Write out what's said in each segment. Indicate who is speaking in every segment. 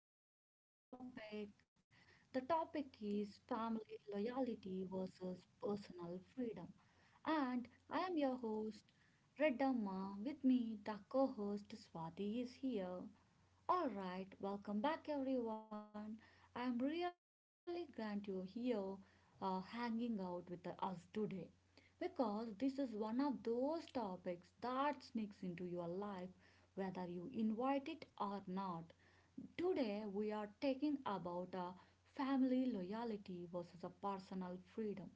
Speaker 1: back to the today's topic. The topic is family loyalty versus personal freedom. And I am your host Redamma. With me the co-host Swati is here. All right, welcome back everyone. I am really glad you're here hanging out with us today because this is one of those topics that sneaks into your life whether you invite it or not. Today we are talking about a family loyalty versus a personal freedom.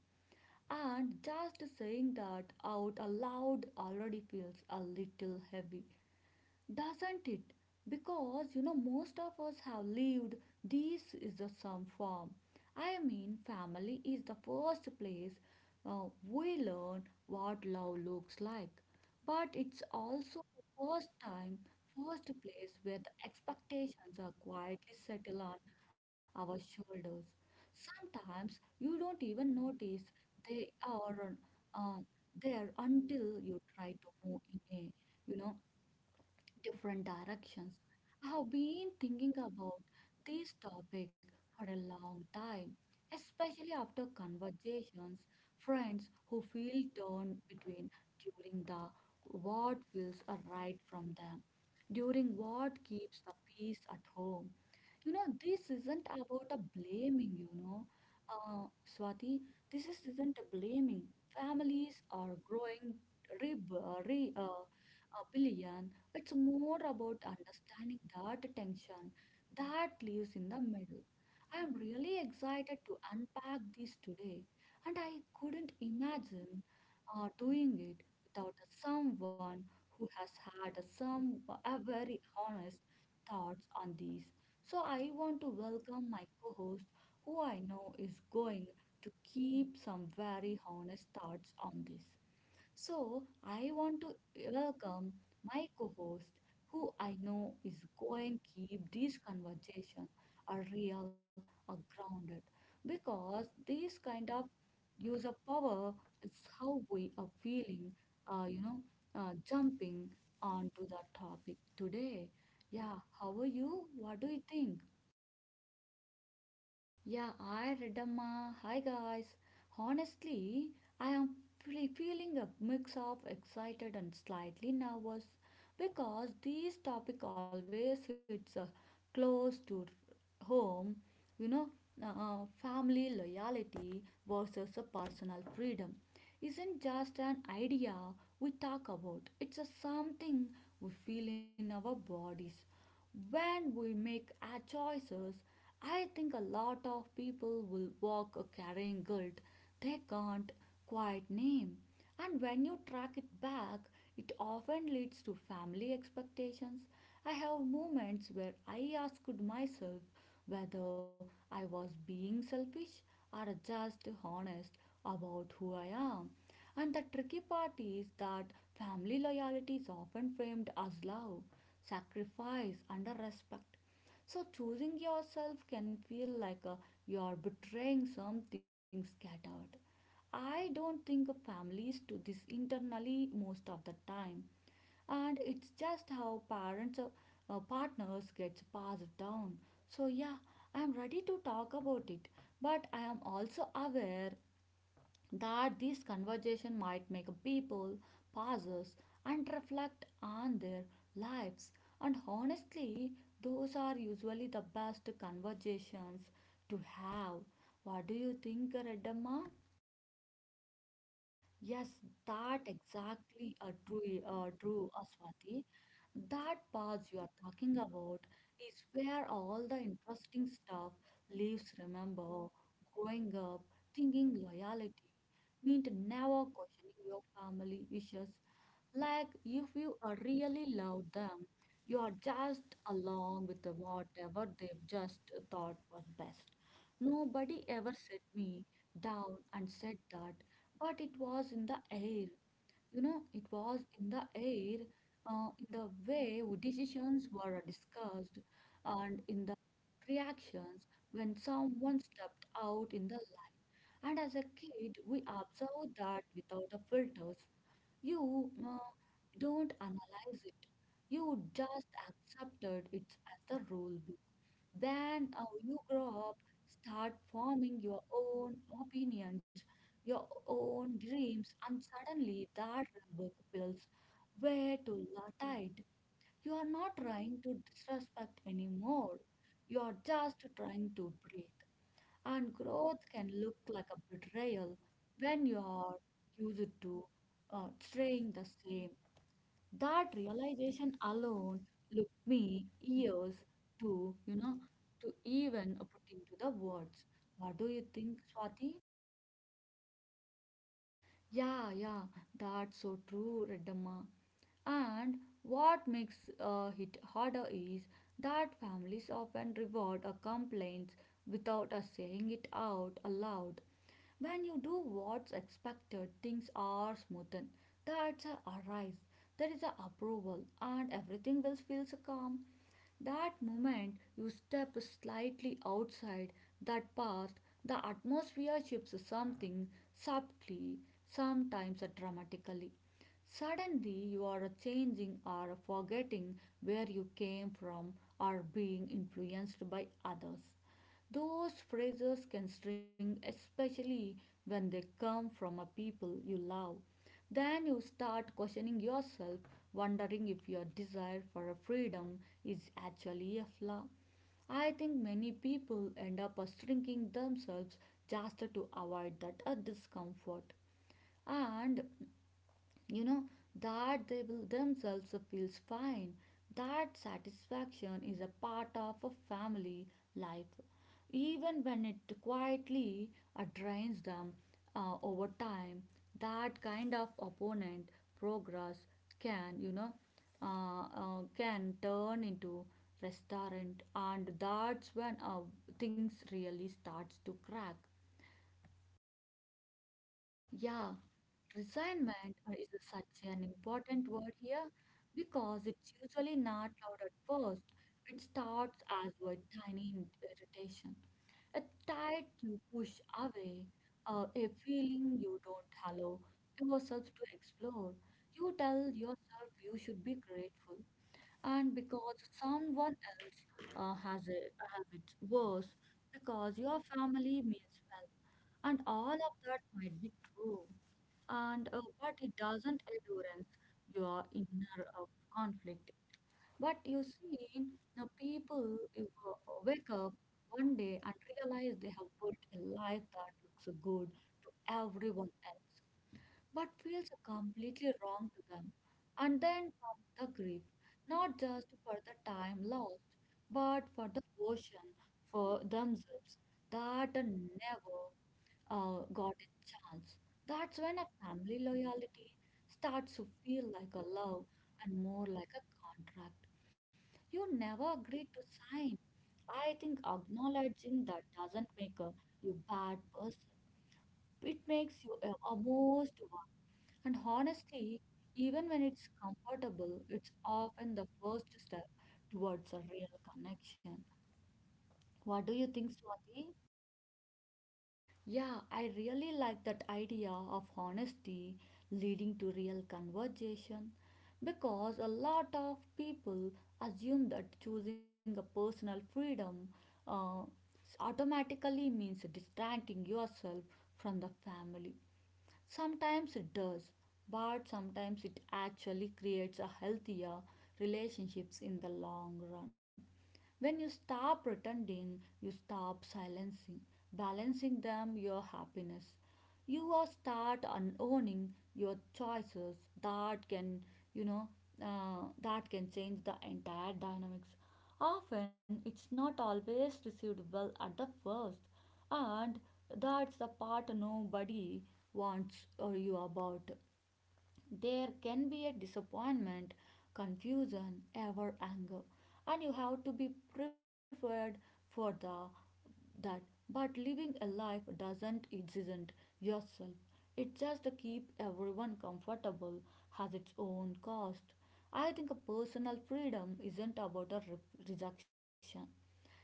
Speaker 1: And just saying that out aloud already feels a little heavy doesn't it? Because you know, most of us have lived this is the some form. I mean, family is the first place we learn what love looks like, but it's also the first time, first place where the expectations are quietly settled on our shoulders. Sometimes you don't even notice they are uh, there until you try to move in a you know different directions. I have been thinking about this topic for a long time, especially after conversations, friends who feel torn between during the what feels right from them, during what keeps the peace at home you know, this isn't about a blaming, you know, uh, Swati. This is, isn't a blaming. Families are growing re, uh, re, uh, a billion. It's more about understanding that tension that lives in the middle. I am really excited to unpack this today, and I couldn't imagine doing it without someone who has had some very honest thoughts on these. So I want to welcome my co-host, who I know is going to keep some very honest thoughts on this. So, I want to welcome my co host, who I know is going to keep this conversation a real, a grounded, because this kind of use of power is how we are feeling, uh, you know, jumping onto the topic today. Yeah, how are you? What do you think?
Speaker 2: Yeah, I Redamma. Hi guys. Honestly, I am feeling a mix of excited and slightly nervous because this topic always hits close to home. You know, family loyalty versus a personal freedom isn't just an idea we talk about. It's a something we feel in our bodies when we make our choices. I think a lot of people will walk carrying guilt they can't quite name. And when you track it back, it often leads to family expectations. I have moments where I asked myself whether I was being selfish or just honest about who I am. And the tricky part is that family loyalty is often framed as love, sacrifice, and respect. So choosing yourself can feel like you are betraying something scattered. I don't think families do this internally most of the time, and it's just how parents partners gets passed down. So yeah, I am ready to talk about it, but I am also aware that this conversation might make people pause and reflect on their lives. And honestly, those are usually the best conversations to have. What do you think, Redamma?
Speaker 1: Yes, that exactly true, Swati. That pause you are talking about is where all the interesting stuff lives. Remember, growing up, thinking loyalty meant never questioning your family wishes. Like if you really love them, you are just along with the whatever they've just thought was best. Nobody ever set me down and said that but it was in the air. It was in the air, in the way decisions were discussed, and in the reactions when someone stepped out in the line. And as a kid, we observed that without the filters. You don't analyze it. You just accepted it as the rule book. Then you grow up, start forming your own opinions, your own dreams, and suddenly that rule book feels way too tight. You are not trying to disrespect anymore. You are just trying to breathe. And growth can look like a betrayal when you are used to staying the same. That realization alone took me years to to even put into the words. What do you think, Swati?
Speaker 2: Yeah, yeah, that's so true, Reddamma. And what makes it harder is that families often reward a complaint without us saying it out aloud. When you do what's expected, things are smoothened. That's a arise. There is a approval, and everything will feel so calm. That moment you step slightly outside that path, the atmosphere shifts something subtly, sometimes dramatically. Suddenly you are changing or forgetting where you came from or being influenced by others. Those phrases can sting, especially when they come from a people you love. Then you start questioning yourself, wondering if your desire for a freedom is actually a flaw. I think many people end up shrinking themselves just to avoid that discomfort. And you know that they will themselves feels fine, that satisfaction is a part of a family life, even when it quietly drains them over time. That kind of opponent progress can, you know, can turn into restaurant, and that's when things really starts to crack.
Speaker 1: Yeah, resignment is such an important word here because it's usually not loud at first. It starts as a tiny irritation a tide you push away, a feeling you don't allow yourself to explore. You tell yourself you should be grateful, and because someone else has a has it worse, because your family means well, and all of that might be true, and but it doesn't endurance your inner conflict. But you see, the people you wake up one day and realize they have built a life that looks good to everyone else, but feels completely wrong to them. And then comes the grief, not just for the time lost, but for the portion for themselves that never got a chance. That's when a family loyalty starts to feel like a love and more like a contract. You never agreed to sign. I think acknowledging that doesn't make a, you bad person. It makes you a, almost one. And honestly, even when it's comfortable, it's often the first step towards a real connection. What do you think, Swati?
Speaker 2: Yeah, I really like that idea of honesty leading to real conversation because a lot of people assume that choosing a personal freedom uh, automatically means distracting yourself from the family. Sometimes it does, but sometimes it actually creates a healthier relationships in the long run. When you stop pretending, you stop silencing, balancing them your happiness. You are start owning your choices that can, you know, that can change the entire dynamics. Often it's not always received well at the first, and that's the part nobody wants you about. There can be a disappointment, confusion, ever anger, and you have to be prepared for the that. But living a life doesn't isn't yourself. It just keep everyone comfortable has its own cost. I think a personal freedom isn't about a rejection,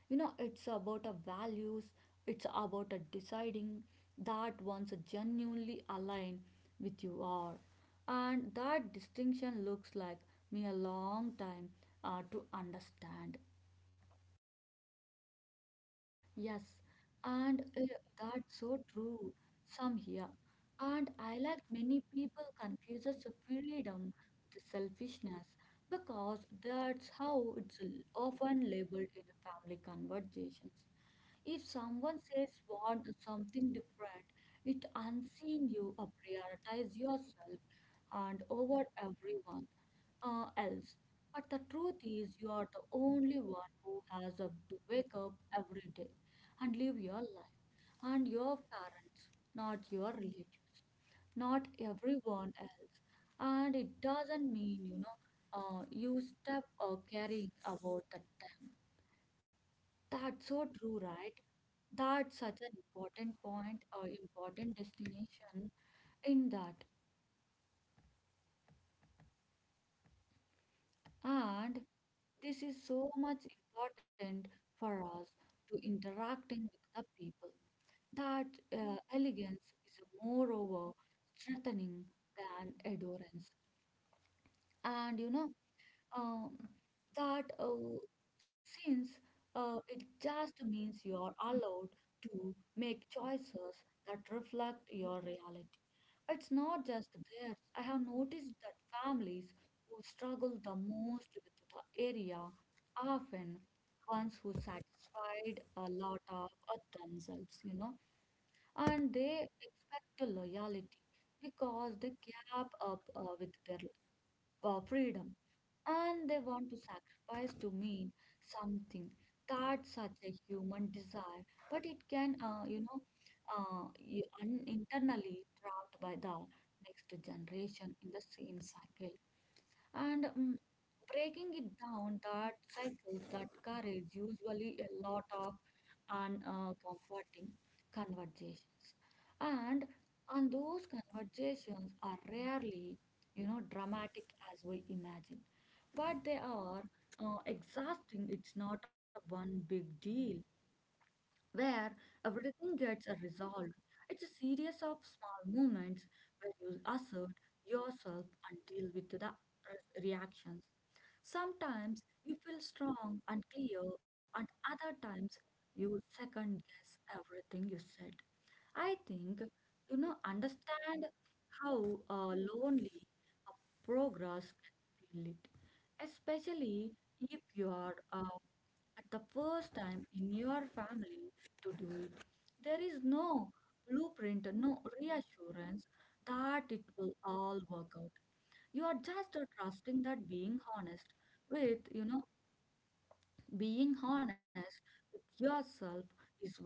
Speaker 2: you know, it's about a values, it's about a deciding that one's genuinely aligned with you are, and that distinction looks like me a long time to understand.
Speaker 1: Yes, and that's so true. Some here. And I like many people confuses the freedom with selfishness because that's how it's often labeled in family conversations. If someone says want something different, it unseen you prioritize yourself and over everyone else. But the truth is, you are the only one who has a, to wake up every day and live your life and your parents, not your relatives, not everyone else. And it doesn't mean, you step caring about the time. That's so true, right? That's such an important point or important destination in that. And this is so much important for us to interacting with the people That elegance is moreover strengthening than adorance. And you know, um, that since it just means you are allowed to make choices that reflect your reality. It's not just theirs. I have noticed that families who struggle the most with the area often ones who satisfied a lot of themselves, you know and they expect the loyalty because they gap up with their freedom and they want to sacrifice to mean something that's such a human desire but it can you internally trapped by the next generation in the same cycle and breaking it down, that cycles, that courage, usually a lot of uncomforting conversations. And and those conversations are rarely, you know, dramatic as we imagine. But they are exhausting. It's not a one big deal where everything gets resolved. It's a series of small moments where you assert yourself and deal with the reactions. Sometimes you feel strong and clear, and other times you second guess everything you said. I think you know understand how lonely a progress can feel it, especially if you are at the first time in your family to do it. There is no blueprint, no reassurance that it will all work out. You are just trusting that being honest with being honest with yourself is worth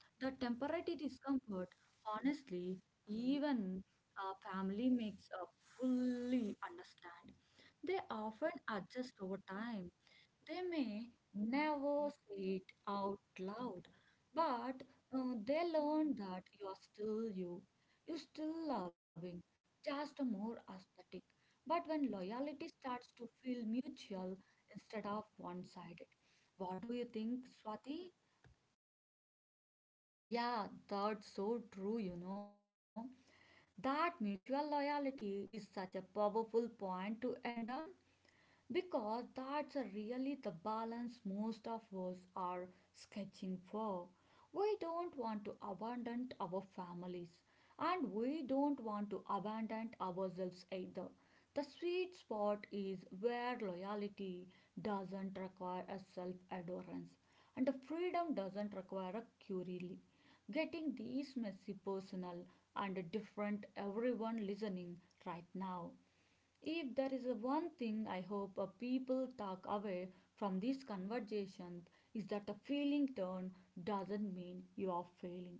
Speaker 1: the temporary discomfort. Honestly, even family makes fully understand. They often adjust over time they may never say it out loud, but they learn that you are still you. You're still loving, just more aesthetic. But when loyalty starts to feel mutual instead of one sided, what do you think, Swati?
Speaker 2: Yeah, that's so true, you know, that mutual loyalty is such a powerful point to end on because that's really the balance most of us are sketching for. We don't want to abandon our families and we don't want to abandon ourselves either. The sweet spot is where loyalty doesn't require a self adherence and the freedom doesn't require a curie. Getting these messy personal and different everyone listening right now. If there is a one thing I hope a people talk away from this conversation is that a feeling turn doesn't mean you are failing.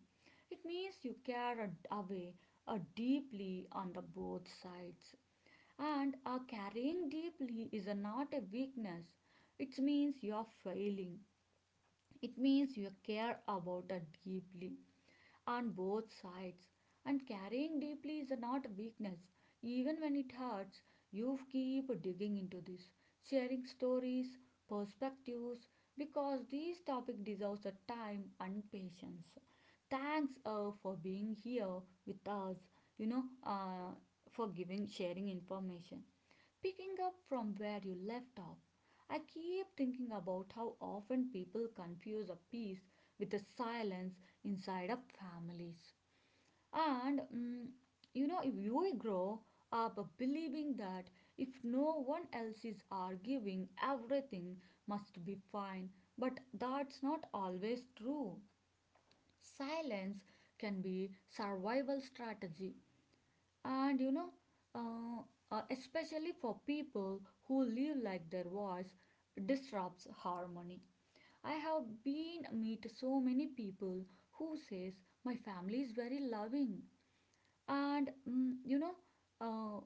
Speaker 2: It means you care away a deeply on the both sides. And a carrying deeply is a not a weakness. It means you are failing. It means you care about it deeply on both sides. And carrying deeply is not weakness. Even when it hurts, you keep digging into this, sharing stories, perspectives, because this topic deserves the time and patience. Thanks for being here with us, you know, for giving, sharing information. Picking up from where you left off, I keep thinking about how often people confuse a peace with a silence inside of families. And mm, you know, if you grow up believing that if no one else is arguing, everything must be fine, but that's not always true. Silence can be survival strategy, and you know, especially for people who live like their voice disrupts harmony. I have been meet so many people who says my family is very loving, and mm, you know, uh,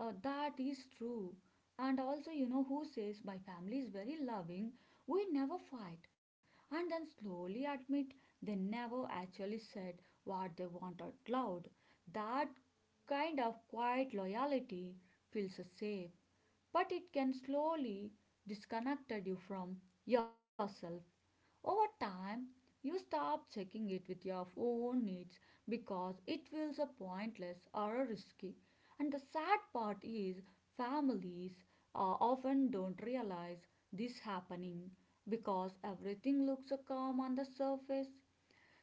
Speaker 2: that is true, and also, you know, who says my family is very loving, we never fight, and then slowly admit they never actually said what they want out loud. That kind of quiet loyalty feels safe, but it can slowly disconnect you from yourself. Over time, you stop checking it with your own needs because it feels a pointless or a risky. And the sad part is, families often don't realize this happening because everything looks so calm on the surface.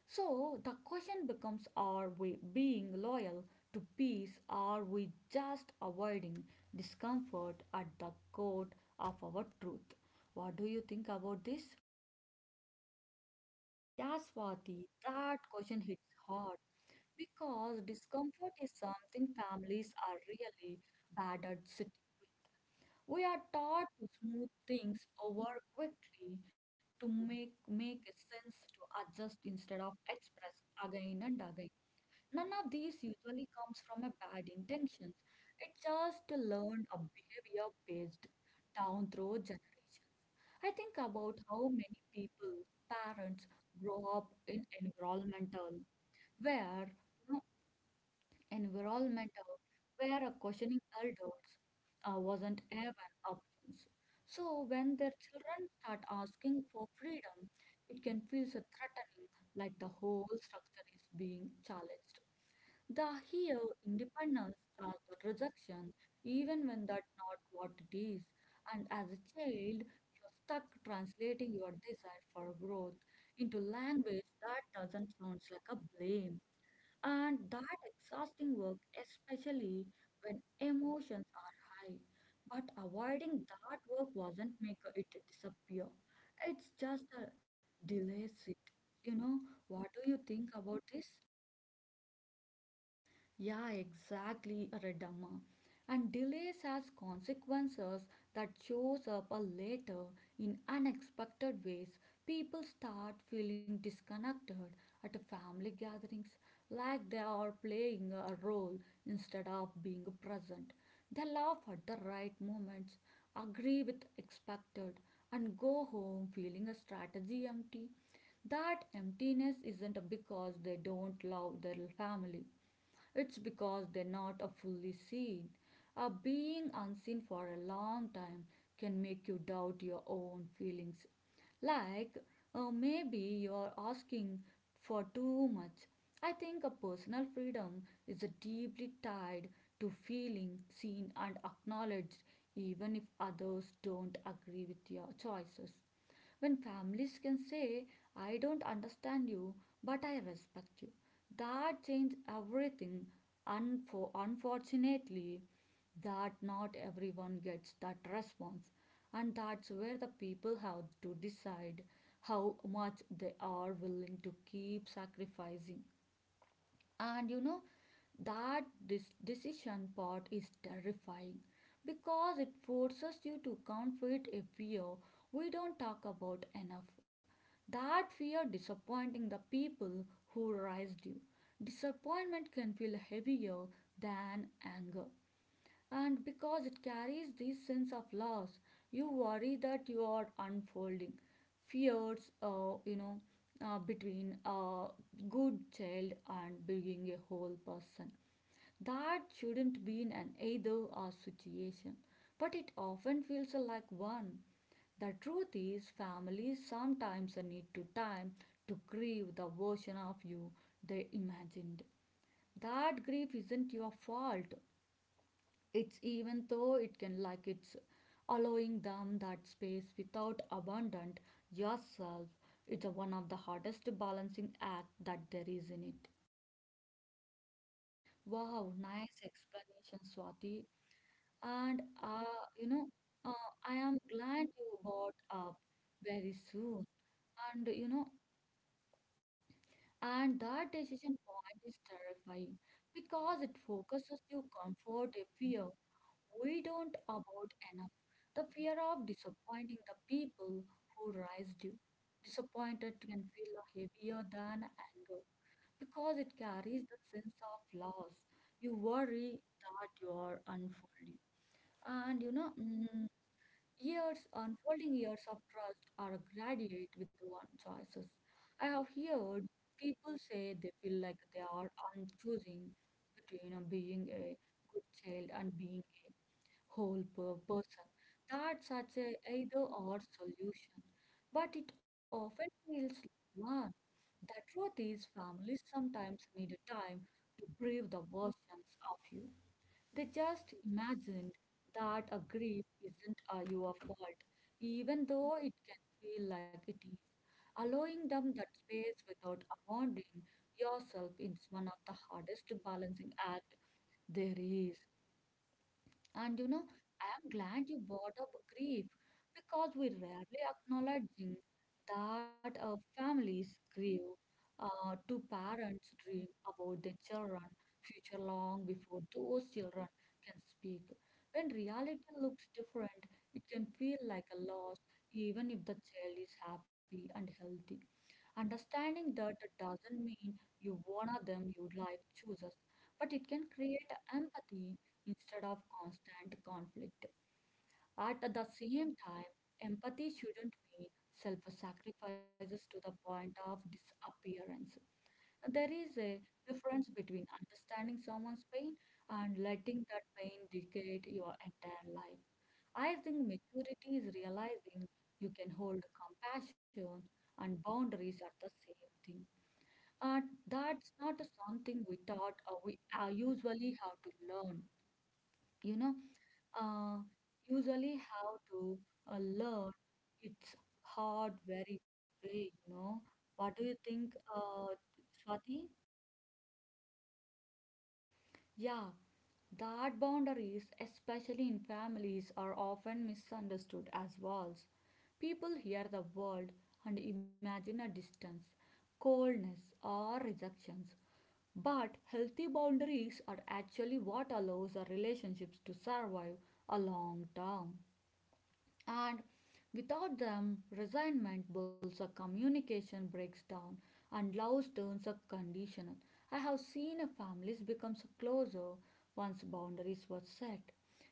Speaker 2: So the question becomes, are we being loyal to peace? Are we just avoiding discomfort at the court of our truth? What do you think about this?
Speaker 1: Yeah, Swati, that question hits hard because discomfort is something families are really bad at sitting with. We are taught to smooth things over quickly, to make sense, to adjust instead of express again and again. None of these usually comes from a bad intentions. It's just a learned a behavior based down through generation. I think about how many people, parents, grow up in environmental where you environmental, where a questioning adults wasn't even options. So when their children start asking for freedom, it can feel so threatening, like the whole structure is being challenged. The here independence as the rejection, even when that's not what it is. And as a child, you're stuck translating your desire for growth into language that doesn't sound like a blame and that exhausting work, especially when emotions are high. But avoiding that work wasn't make it disappear. It's just a delays it. You know, what do you think about this?
Speaker 2: Yeah, exactly, Redamma. And delays has consequences that shows up a later in unexpected ways. People start feeling disconnected at family gatherings, like they are playing a role instead of being present. They laugh at the right moments, agree with expected, and go home feeling a strategy empty. That emptiness isn't because they don't love their family, it's because they're not a fully seen. A being unseen for a long time can make you doubt your own feelings. Like, maybe you're asking for too much. I think a personal freedom is deeply tied to feeling seen and acknowledged, even if others don't agree with your choices. When families can say, I don't understand you, but I respect you, that changes everything. Unfortunately, that not everyone gets that response, and that's where the people have to decide how much they are willing to keep sacrificing. And you know that this decision part is terrifying because it forces you to confront a fear we don't talk about enough. That fear disappointing the people who raised you. Disappointment can feel heavier than anger, and because it carries this sense of loss, you worry that you are unfolding fears, you know, between a good child and being a whole person. That shouldn't be in an either or situation, but it often feels like one. The truth is, families sometimes need to time to grieve the version of you they imagined. That grief isn't your fault, it's even though it can like it's allowing them that space without abandoned yourself. It's a one of the hardest balancing act that there is in it.
Speaker 1: Wow, nice explanation, Swati. And uh, you know, I am glad you brought up very soon. And you know, And that decision point is terrifying because it focuses your comfort a fear we don't about enough. The fear of disappointing the people who raised you. Disappointed can feel heavier than anger because it carries the sense of loss. You worry that you are unfolding. And you know, mm, Years, unfolding years of trust are graduate with one choices. I have heard people say they feel like they are choosing between being a good child and being a person. That's such a either or solution, but it often feels like one. The truth is, families sometimes need time to prove the versions of you. They just imagined that a grief isn't your fault, even though it can feel like it is. Allowing them that space without abandoning yourself is one of the hardest balancing acts there is. And you know, I am glad you brought up grief because we rarely acknowledging that families grieve to parents dream about their children future long before those children can speak. When reality looks different, it can feel like a loss even if the child is happy and healthy. Understanding that doesn't mean you honor them your life chooses, but it can create empathy instead of constant conflict. At the same time, empathy shouldn't mean self sacrifices to the point of disappearance. There is a difference between understanding someone's pain and letting that pain dictate your entire life. I think maturity is realizing you can hold compassion and boundaries are the same thing. Uh, that's not something we taught or we usually have to learn you know uh, usually how to learn it's hard very way what do you think uh, Swati?
Speaker 2: Yeah, that boundaries, especially in families, are often misunderstood as walls. People hear the world and imagine a distance, coldness, or rejections. But healthy boundaries are actually what allows our relationships to survive a long term. And without them, resentment builds up, communication breaks down, and love turns up conditional. I have seen a families becomes closer once boundaries were set.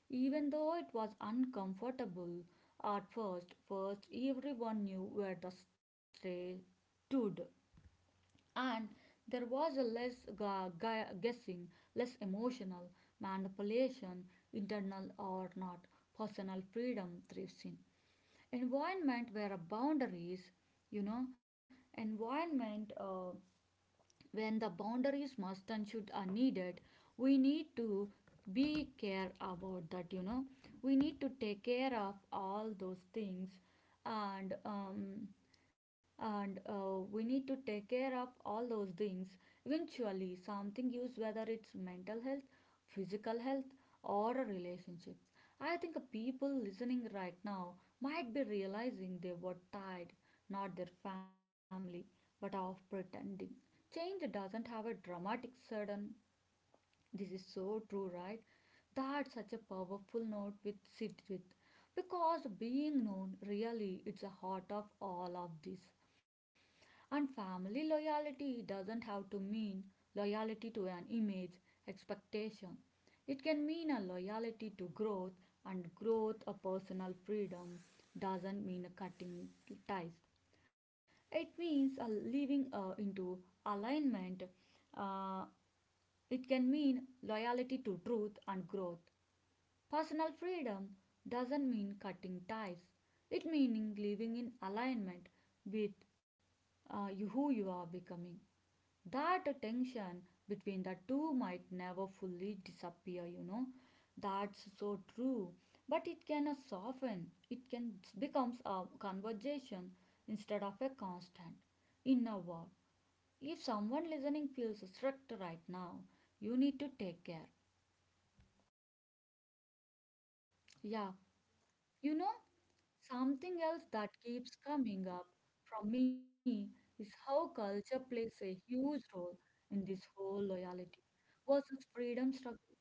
Speaker 2: Even though it was uncomfortable at first, first everyone knew where the stray stood, and there was a less guessing, less emotional manipulation, internal or not. Personal freedom thrives in environment where a boundaries, you know, environment, when the boundaries must and should are needed, we need to be care about that, you know, we need to take care of all those things, and um, and we need to take care of all those things eventually something use, whether it's mental health, physical health, or relationships. I think people listening right now might be realizing they were tired, not their family, but of pretending. Change doesn't have a dramatic sudden. This is so true, right? That's such a powerful note with sit with. Because being known really it's the heart of all of this. And family loyalty doesn't have to mean loyalty to an image, expectation. It can mean a loyalty to growth and growth a personal freedom doesn't mean a cutting ties. It means living into alignment. Uh, it can mean loyalty to truth and growth. Personal freedom doesn't mean cutting ties. It means living in alignment with you, who you are becoming. That tension between the two might never fully disappear, you know, that's so true, but it can soften, it can becomes a conversation instead of a constant in a word. If someone listening feels struck right now, you need to take care.
Speaker 1: Yeah, you know something else that keeps coming up from me is how culture plays a huge role in this whole loyalty versus freedom struggle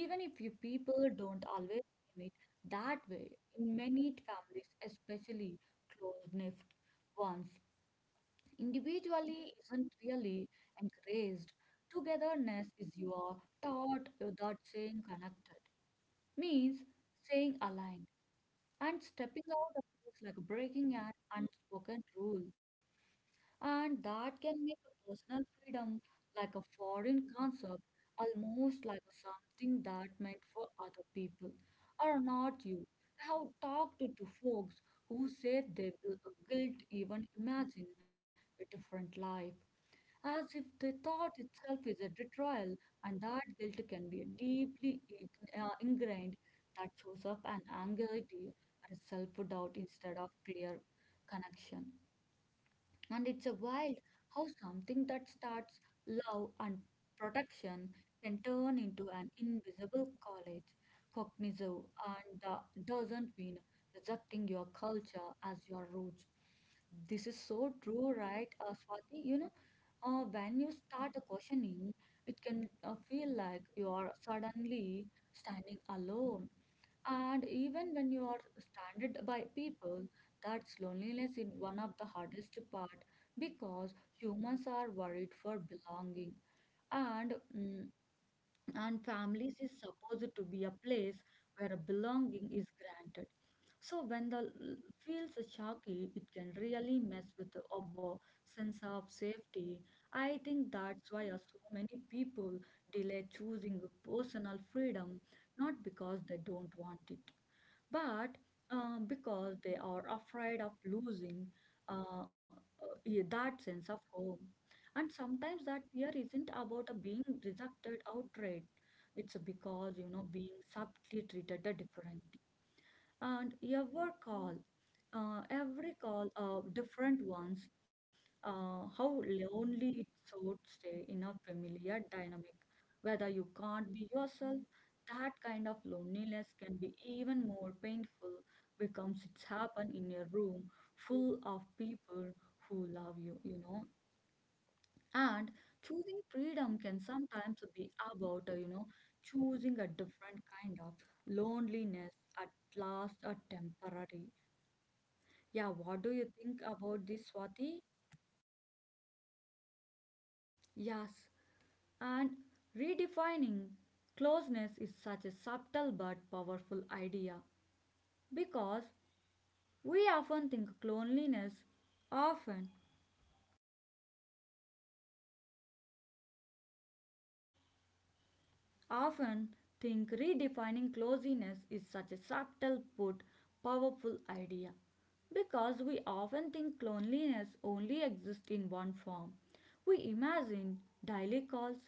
Speaker 1: even if you people don't always name it that way in many families especially close-knit ones individually isn't really encouraged. Togetherness is your thought without saying connected, means staying aligned and stepping out of this like breaking an unspoken rule. And that can make a personal freedom like a foreign concept, almost like something that meant for other people or not you. I have talked to folks who say they will guilt even imagine a different life as if the thought itself is a betrayal, and that guilt can be deeply ingrained that shows up an anxiety or self doubt instead of clear connection. And it's a wild how something that starts love and protection can turn into an invisible college, cognizant, and that doesn't mean rejecting your culture as your roots. This is so true, right, Swati? You know, when you start a questioning, it can feel like you are suddenly standing alone. And even when you are surrounded by people that's loneliness is one of the hardest part because humans are worried for belonging and and families is supposed to be a place where belonging is granted. So when the feels shaky, it can really mess with our sense of safety. I think that's why so many people delay choosing personal freedom, not because they don't want it but because they are afraid of losing uh, yeah, that sense of home. And sometimes that fear isn't about a being rejected outright. It's because you know being subtly treated differently and every call, different ones. How lonely it should stay in a familiar dynamic, whether you can't be yourself. That kind of loneliness can be even more painful because it's happened in a room full of people who love you, you know. And choosing freedom can sometimes be about, choosing a different kind of loneliness, at last a temporary. Yeah, what do you think about this, Swati?
Speaker 2: Yes, and redefining closeness is such a subtle but powerful idea because we often think loneliness often often think redefining closeness is such a subtle but powerful idea because we often think loneliness only exists in one form. We imagine daily calls,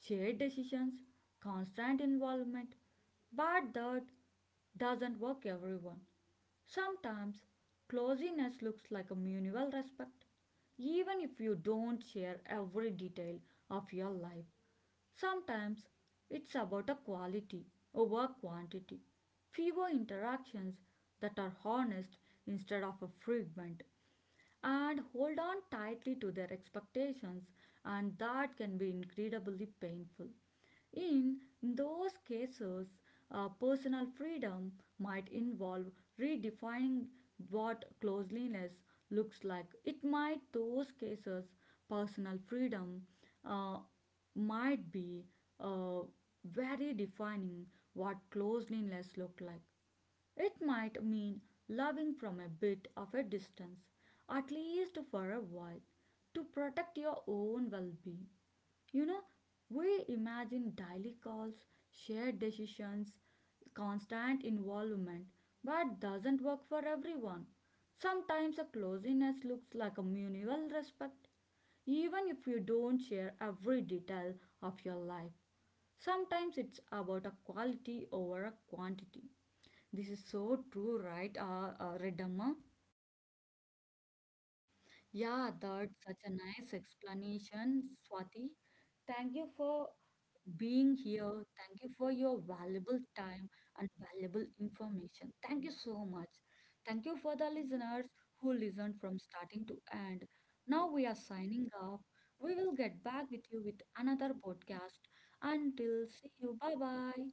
Speaker 2: shared decisions, constant involvement, but that doesn't work everyone. Sometimes closeness looks like a mutual respect, even if you don't share every detail of your life. Sometimes it's about a quality over quantity, fewer interactions that are honest instead of a frequent, and hold on tightly to their expectations, and that can be incredibly painful. In those cases, personal freedom might involve redefining what closeliness looks like. It might, those cases, personal freedom, uh, might be, uh, very defining what closeliness look like. It might mean loving from a bit of a distance, at least for a while, to protect your own well being. You know, we imagine daily calls, shared decisions, constant involvement, but doesn't work for everyone. Sometimes a closeness looks like a mutual respect, even if you don't share every detail of your life. Sometimes it's about a quality over a quantity. This is so true, right, Redamma?
Speaker 1: Yeah, that's such a nice explanation, Swati. Thank you for being here. Thank you for your valuable time and valuable information. Thank you so much. Thank you for the listeners who listened from starting to end. Now we are signing off. We will get back with you with another podcast. Until see you. Bye bye.